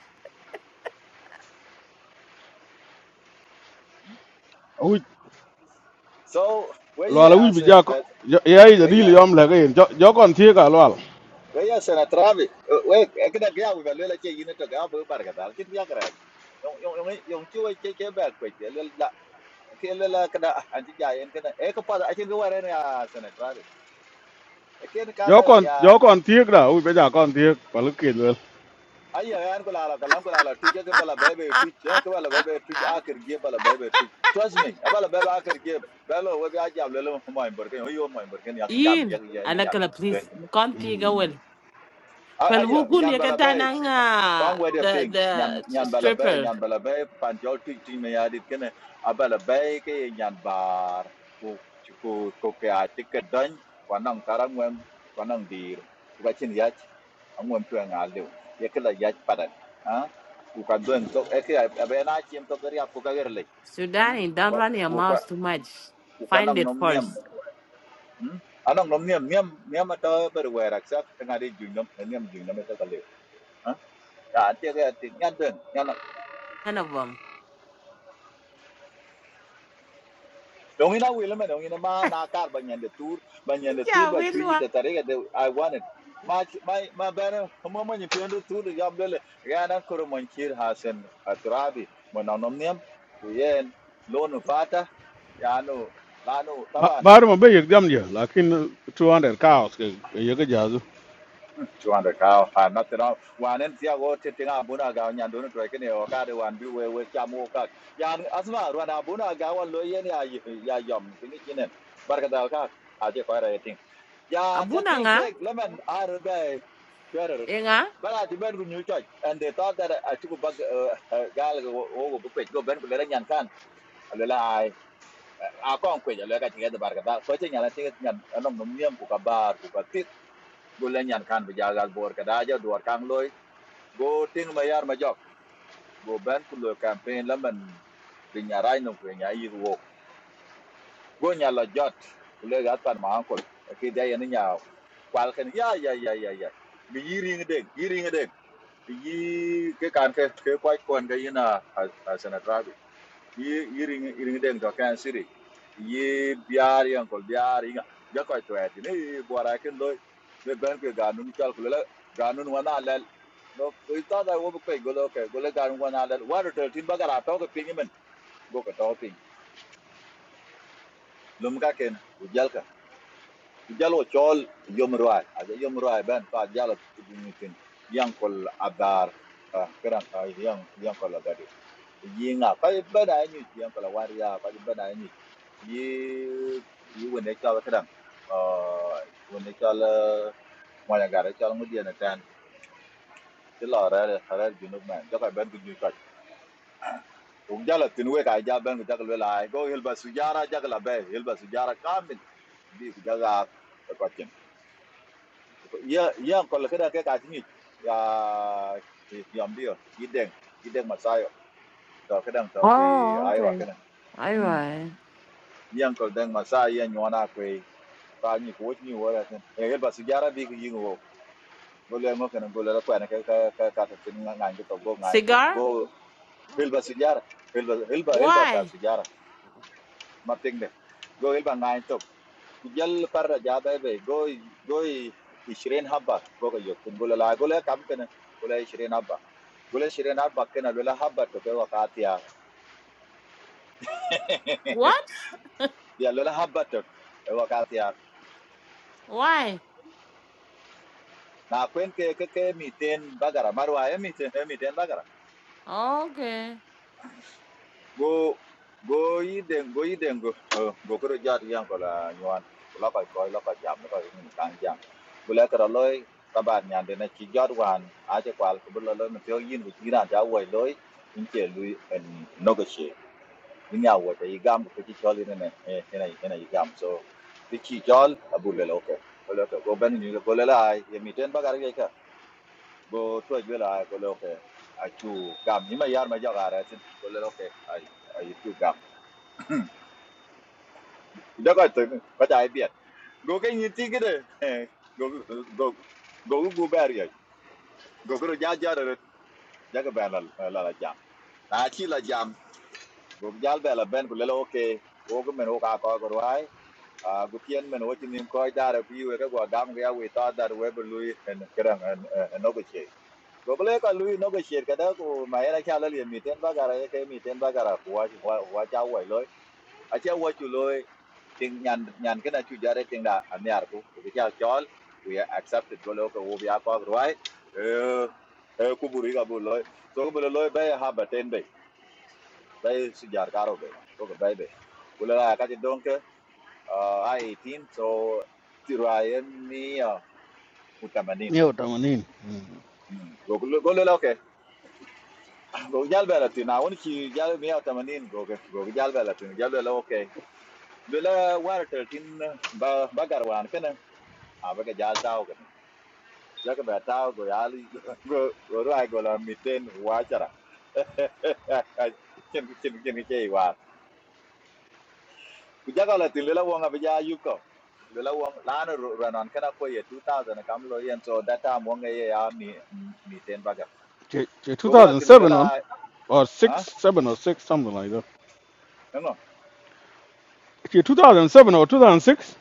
C: U
B: so
C: lo la u
B: waya as
C: bi ja ko. Ya ya de dil
B: waya
C: yom la ke. Jo kon tie ka lo.
B: waya sena travel way ay kereng kauh balola cie ina cegah beubar gadar kita kerai yong yong yong yong cie yong cie bekerai ke lela kada anti ja yen kada e ko pada achen ya sene trabi e ken kan
C: gió còn
B: ya
C: gió còn tiếc đã ui bây giờ còn tiếc và lúc kia luôn
B: ayya yan ko lala kalam ko lala tuje ke bala bebe tuje ke bala bebe tuje akir ge bala bebe tuje trust me a bala bebe akir ge belo we ba ja lelo mo mo imber ke yo mo imber ke ya gam ya
A: Ian,
B: ya
A: I like
B: yan
A: to
B: den
A: please. Can't think I Well, who
B: ayya
A: could
B: nyan
A: you
B: bala
A: get that?
B: be
A: uh,
B: con quay đẹp
A: the
B: pin nhàn
A: the
B: nhàn bà là bé
A: stripper?
B: nhàn bà là bé pan cho tụi tụi mày ai đi cái này à bà là bé cái nhàn bà cô cô cô cái ai thích cái đánh quan năng tara nguem quan năng đi cái chuyện yết ông nguem tụi ngà liu yết cái là yết padat à cô cái đơn to ấy cái à bé na chim to cái riap cô cái rồi
A: Sudani, don't
B: cô
A: run your
B: cô
A: mouth too much.
B: cô cái
A: Find
B: năng
A: it
B: nom niệm
A: first.
B: anh năng nom niệm niệm niệm mà tao bây giờ accept cái ngày đi dùng nom niệm dùng nom cái cái liu à cái cái cái nhàn đơn nhàn
A: None of them.
B: Don't ina will me don't ina ma na kar banyan nyande tour banyan nyande tour
A: Yeah,
B: ba
A: will
B: chwiji
A: wa-
B: ta tare de I want it. Ma chi- ma ma bana mo mo nyi piondo tour ya mbele ya na koro mon kir hasen atrabi mo na nom nem ku yen lonu fata ya no lanu
C: ba
B: taba
C: ba mà bây giờ dâm giờ là khi 200 cows cái cái giờ cái giờ rồi
B: chuanda ka pa not no wan en tia go te tinga buna ga nya dun to ke ne o ka de wan bi we we kya mo ka ya asma wan buna ga wan lo yen ya ya yom tingi chinen barka da ka a je ko ra ting ya ta
A: Abuna
B: ting
A: nga?
B: ke lemon ar da chuara
A: Inga?
B: but I demand with new church, and they thought that I took a bug, uh, gal go book go ben ko lera nyan a lela ai a kon ko ya a tiga da barka da ko te nyala tiga nyan anom no miem ku ka bar ku ka gulle nyan kan bi jagal bor ka daja duwar kan loy go ting ma majok. go ben ku campaign la man bi nyaray no ko go nya la jot kule pan ma ankol ke da yen nya kwal ken ya ya ya ya ya bi yiri ngde yiri ngde yi ke kan ke ke kwai kon ga yina a day, yearing a day, ye can't quite coin Gayana as an attract yi yi ring ring deng to kan siri yi biar yang kol biar inga ja ko to ati ne bora ken lo le ben ke ganun chal kula ganun wana lel no ko ita da wo ko go lo ke go le ganun wana lel wa to tin bagara to ko pin men go ko to pin lum ka ken u jal ka u jal chol yom ruai a ja yom ruai ben ka jal tu bin tin yang kol abar ah, karan ka yang yang kol agadi yinga ko bena nyu tiang kala waria ko bena nyu yi yi wone chal kadam uh wone chal mo ya gara chal mu diena tan ti lo ra junub man jaka ben ku nyu chal ku jala tin we ka ja ben ku jaka le lai go hilba sujara jaka la be hilba sujara kamil bi ku jaga ko chen ya ya ko kada ka ti ni ya yam dio yideng yideng masayo to kadam to fi
A: Oh,
B: ayo
A: okay.
B: kana
A: All
B: mm
A: right.
B: uncle deng Masai, yan nyona kwe ka ni ko ni wora ten e gel basu jara bi gi ngo go le ngo kan go le ko nga ngi to go ngai to
A: Cigar?
B: go hel basu jara hel ba hel ba ta
A: Why?
B: su ma ting go hel ba ngai to ku parra par ja go go i- habba go ga yok tin go le la go le kam kan go le habba go le shirin habba kan lo habba to ke wakati ya
A: What?
B: ya lo la habba took. Ewa kati ya
A: Why?
B: na kwen ke ke ke miten bagara marwa e miten e miten bagara
A: Okay.
B: go go yiden go yiden go oh, go kro jat yang ko la nyuan la ko ko la ko jam ko ni kan jam go la kra loy taban nyan de na chi jot wan a je kwal ko lo lo mtio yin go yin ja wo loy in che lui en no in ya wo te gam ko chi chol ni ne e na e so ti chi chol abul lo ke ko lo ko ben ni go la ai e miten bagara ya ka go to jwela go loke a gum. gam ima yar ma jaga ra tin go loke ai ai chu gam da ga to ka ta bi go ke ni ti gide go go go go ber ya go go ja ja ra ja ga ba la la la jam na chi la jam go jal ba la ben go loke go go men o ka ko go rai a go tien men o chi nim ko da ra bi we go gam ga we ta da we bu lui en kran en no go Gobele ka no go kada ko ma era le miten ba ke miten ba gara wa wa loy a cha wa ting nyan nyan kana chu ting da anyar ko ko cha chol we accepted golo ko wo bia ko roi eh eh ku buri ga bu so ko bele loy ba ha ba ten be ba karo be ko ba be kula ka ti donke a 18 so tiraye mi mutamanin
C: nhiều tầm anh in
B: golo golo la go jal bela tin a won ki jal mi ta manin go ke- go jal bela tin jal bela okay do la war ter tin ba ba garwan kana a ba ga jal taw kana ya ka ba taw go jal go go ra go la miten wa chara ken ken ken ke wa ku jaga la tin la wonga ba ja yu ko do la wong la no ranan kana ko ye 2000 kam lo yen so that time wonga ye ya mi miten ba ga
C: chỉ chỉ two
B: go la
C: thousand
B: tin go
C: seven
B: la
C: on or six,
B: ha
C: seven or six, something like that
B: no
C: chỉ two thousand seven or two thousand six.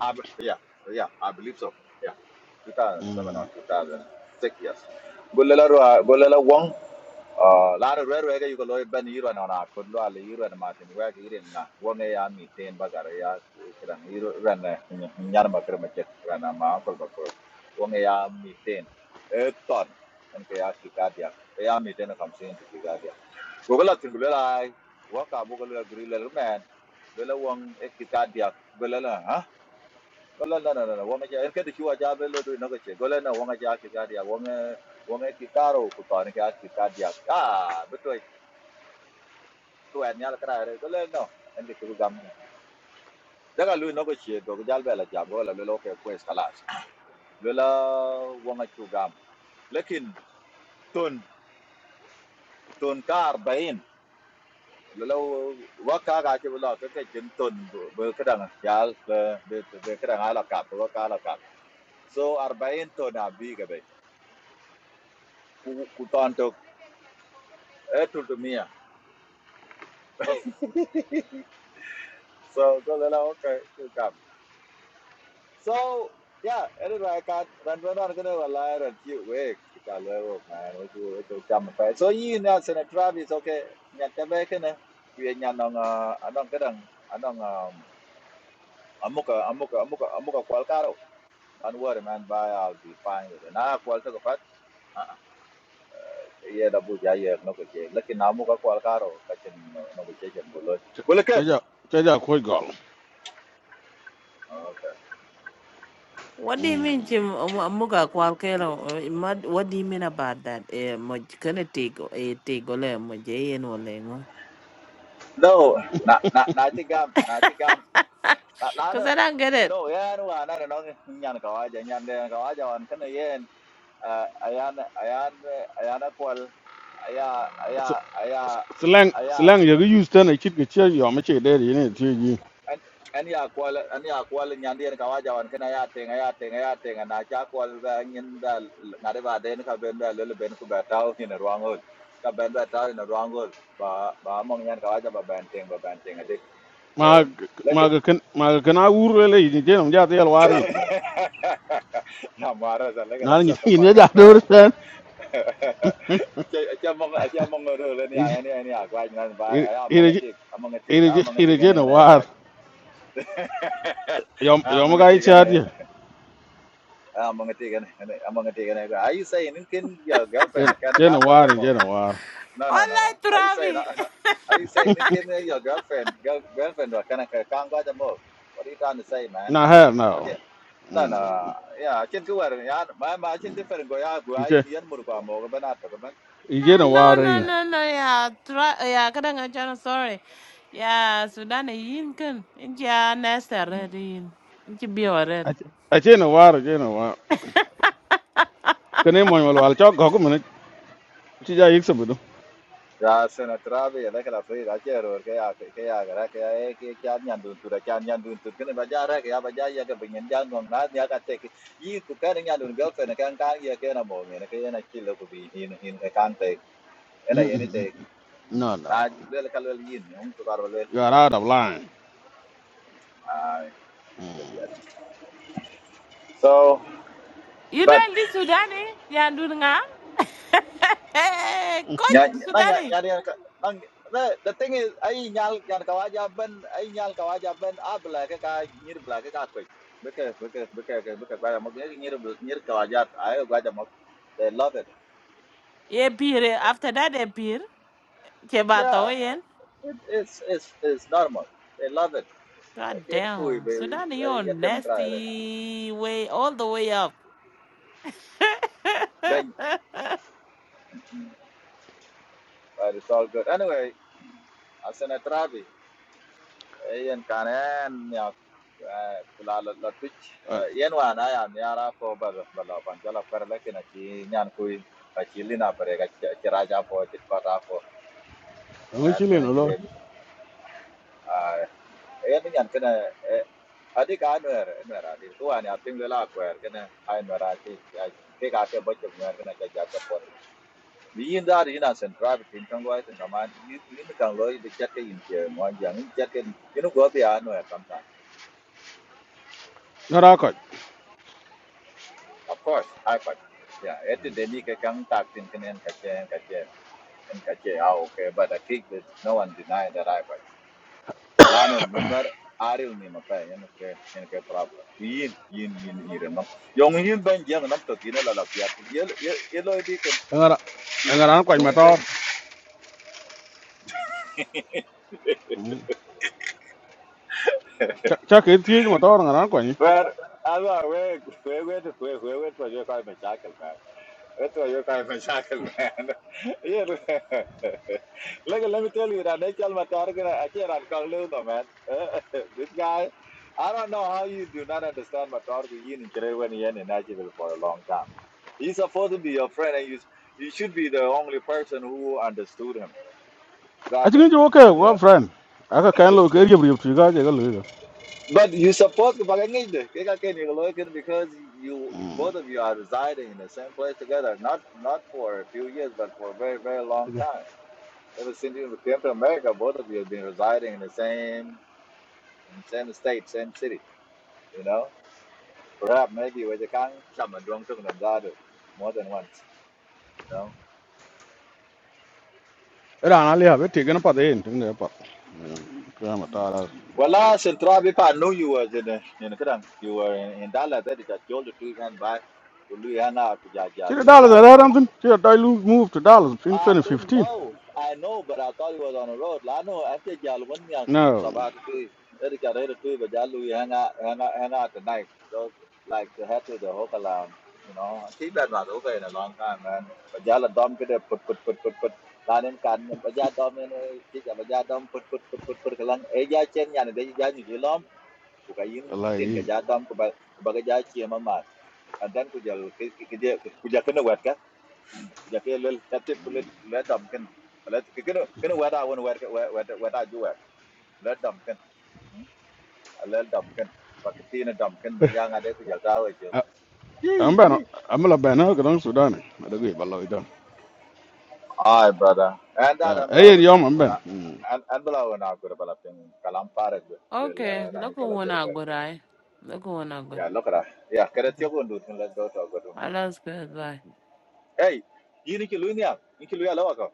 B: I, b- yeah, yeah, I believe so. Yeah, 2007 or 2006, yes. Gulela Rua- Gulela Wong, uh, Lara Rere, you go loy ben Iran on a good law, na. Martin, where Iran, Wong Aya, me, Tain Bagaria, Iran, Iran, Yanama Kermachet, Rana, my uncle Bakur, Wong Aya, me, Tain, Eton, and Kayaki Gadia, Aya, me, Tain, I'm saying to Gadia. Gugula Tingula, Waka Bugula Grilla Man, Gulela Wong, Ekitadia, Gulela, huh? Wala la la la la wanga ja erke de chuwa ja belo do no che gola na wanga ja ki gadia wanga wanga ki taro ku to ne ka ki gadia ah beto to en ya nyal kra re gola no en ke chu gam daga lu no che go jal bela ja gola lo lo ke kwes kalas lo la wanga chu gam lakin ton ton kar bain lo lo waka ga che lo ke ke chen ton be kadang jal be be kadang ala kap waka ala kap so 40 ton abi ga be ku ku ton to e tu mia So Golella, okay, you come. So yeah, anyway, I got when we're not gonna rely on you wake man, what you what you jump fair. So you know Senator Travis okay, nyat back in we nyan on uh I don't get on I don't um amuka amuka amuka amuka kwalkaro. Don't worry man, bye I'll be fine with it. Nah kwal to fat. Uh yeah the boot yeah yeah no question. Lucky na amuka kwalkaro kachin no no question bullet.
C: chơi
B: Bullet
C: giờ chơi giờ khôi gọn
B: Okay.
A: What do you mean, Jim? Muga kwalkero. Mad. What do you mean about that? Eh, moj kana tigo. Eh, tigo le mojay en olengo.
B: No, na na na chigam na la la
A: Cause
B: no
A: I don't get it.
B: no ya no ana no nyan ka wa ja nyan de ka wa ja wan kana yen eh, ayan ayan ayan akwal aya aya aya
C: slang
B: aya
C: slang giờ cái use tên này chít cái chơi giờ mới chơi đây thì này chơi gì
B: an an ya kwal an ya kwal nyan de ka wa ja wan kana ya te ya te ya te na cha kwal ba nyin da na de ba de ka ben da le ben ku ba taw ni na rwangol ka ben ba taw ni na rwangol ba ba mong nyan ka wa ja ba ben ting ba ben ting adik
C: mà
B: so Look
C: mà
B: at
C: cái mà cái na ur lên này thì chơi làm gì thì alwari
B: Tamara, look at
C: nó
B: that.
C: nhìn
B: Shut the
C: nhìn
B: fuck
C: ra
B: up,
C: đâu
B: man.
C: rồi
B: Acha acha mong acha mong ro le ni ai ni ai ni agwa ni nan ba ai mong atik among atik
C: ina
B: among atik
C: je
B: ana
C: na
B: ana agwa
C: war yom yom
B: among
C: ga
B: atik
C: ichi
B: ana
C: adye
B: among atik ana among atik ana agwa are you saying you can your girlfriend I can
C: je na
B: come by
C: war
B: the
C: je
B: mo
C: na war
B: no no no no
A: Online
B: are you saying
A: Travi.
B: are you saying you can your girlfriend girl, girlfriend or can I come by the mo what are you trying to say man
C: na her na
B: okay no no yeah I can go where yeah my my different go ya go ai
C: ije
B: yan mur ko mo ko
C: ije
A: Yeah,
C: na
B: all
A: No,
C: war
B: the
A: no,
C: yin
A: no,
B: same
A: no. Yeah, tra- yeah. Kadang channel. Sorry. Yeah, Sudan e yin kan. Inja nesta red yin. Inja be red.
C: ache na war je na war kane mo wal wal chok gogu mene ti ja yik sabudu
B: Ya, senatra bi la kala fe da chero ke ya ke ya gara ke ya ke kya nyan dun tur kya nyan dun tur kene baja ra ke ya baja ya ke binyan jan no na ya ka te ki yi ku ka nyan dun gal fe ne kan ka ya ke na mo ne ke ya na chi lo ku bi hin hin ke kan te ena
C: no
B: ye ni te
C: no no
B: na le le kal le yin on ku kar le
C: you are out of line
B: ai so
A: You
B: but
A: know this Sudan? Eh? Yeah, do nga. Hey, hey, hey, hey, Coach
B: ഞാൻ എന്നാ
A: Sudan.
B: ഞാൻ
A: e.
B: ഞാൻ the the thing is ai nyal nyal ka waja ben ai nyal ka waja ben a bla ka ka nyir bla ka ka ko beke beke beke ke beke ba mo ngi nyir nyir ka ai waja mo they love it
A: Yeah, beer. eh, After that, a beer.
B: yeah
A: Kebato, yeah.
B: it, it's it's it's normal they love it
A: God
B: ken kui
A: damn.
B: be
A: Sudan, you're
B: ya tem kra
A: nasty way all the way up.
B: ben but it's all good anyway asana travi Iyan kanen ya kula la la tuch ya nyara ko bal bala pan jala kina chi nyan kui a chi pare ga chi po chi ko po
C: ngi
B: an
C: chile
B: mena
C: no
B: chi
C: lo
B: ben a nyan kana adi ka nwer nwer adi tu an ya ping kwer kana ai nwer a ke ka ke bo chung nwer kana ka ja ta po ni yin da ri na central tin kan loi tin kama yin kan loi be chat ke yin che mo yang yin chat ke yin go bi a tam
C: na ra ko
B: Of course, iPad. Yeah, ete deni ke kang tak tin kenen kache kache en kache au ke but I think that no one deny that iPad. Lano nunwar aril ni mapai en ke en ke problem. Yin yin yin iren no. Yong yin ben jeng nam to gina la la piar. Yel yel yelo di ken
C: ngara
B: kui
C: ngara an ko
B: yong
C: ma
B: yin
C: tor
B: ben.
C: cha ke ti ma tor ngara ko ni
B: But alwa we we we we we we to je kai me chakel That's why you're kind of a shackled, man. yeah. Look, let me tell you that Rachel Matargan, I can't uncall though, man. this guy, I don't know how you do not understand Matargan in Kirewan Yen in Nashville for a long time. He's supposed to be your friend, and you you should be the only person who understood him,
C: achi
B: rather.
C: ngi jo ke wa
B: Yeah.
C: friend aka kan lo ke riep riep ti ga je ga
B: But you supposed to Bagangay de, kaya ka ni Loic, because you both of you are residing in the same place together, not not for a few years, but for a very very long
C: lo
B: time Ever since you came to America, both of you have been residing in the same in the same state, same city. You know, perhaps maybe with the can chum and drunk took them that more than once. You know.
C: Rana have it taken up at the end in the park.
B: Well, last in Trabipa, I knew you was in the, in the Kadang. You were in, in Dallas. That is a told the two men back. Uluiana
C: See the
B: kujajali
C: dollars are
B: yamlat
C: there something? See the dollars moved to dollars in
B: I didn't
C: 2015.
B: know. I know, but I thought he was on the road. Like, I know. I think y'all wouldn't young to
C: No,
B: Sabah to do. Eric got ready to do, but y'all we hang out, hang out, hang out tonight. So, like the head to the hotel lounge, you know. She been not okay in a long time, man. But y'all a dumb kid, put, put, put, put, put. Lan in kan, but y'all dumb in a chicha, but y'all dumb, put, put, put, put, put, kalang. Eh, y'all chen yan, they y'all you gilom. Bukayin tin ka
C: like
B: y'all dumb, kubaga y'all chiem amat. And then kujal, kujal, kujal kena wet ja ke lel ka te ku le le dam ken le ke ken ken wa da won wa wa wa da ju wa le dam ken le dam ken ba ke ti na dam ken ba ja nga de ku ja ta wa ke
C: I'm Ben. I'm a Ben. I'm Sudan. I don't give a lot of done.
B: ai brother and da dam bla
C: Hey,
B: won
C: Yom, I'm Ben.
B: na
C: Mm.
B: an an bla won na ku ra bla pin kalam pare be be la
A: okay,
B: ran ni
A: look at
B: chala
A: one
B: gor
A: I
B: ke
A: got. I look at one I got.
B: ya lo kra ya kra te ko ndu tun le do let go to go dum
A: I lost goodbye.
B: hey, yi ni ki lu ni ya hey, ki lu ya la wa ko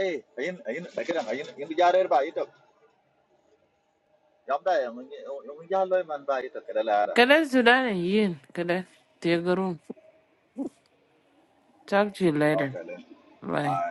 B: ei ayin ayin da ke ayin yin ja re ba yi to yam da yam yin ja lo man ba yi to kra la ra
A: Kada Sudan and Yin. Kada take a room. Talk to you later.
B: okay
A: Bye.
B: I.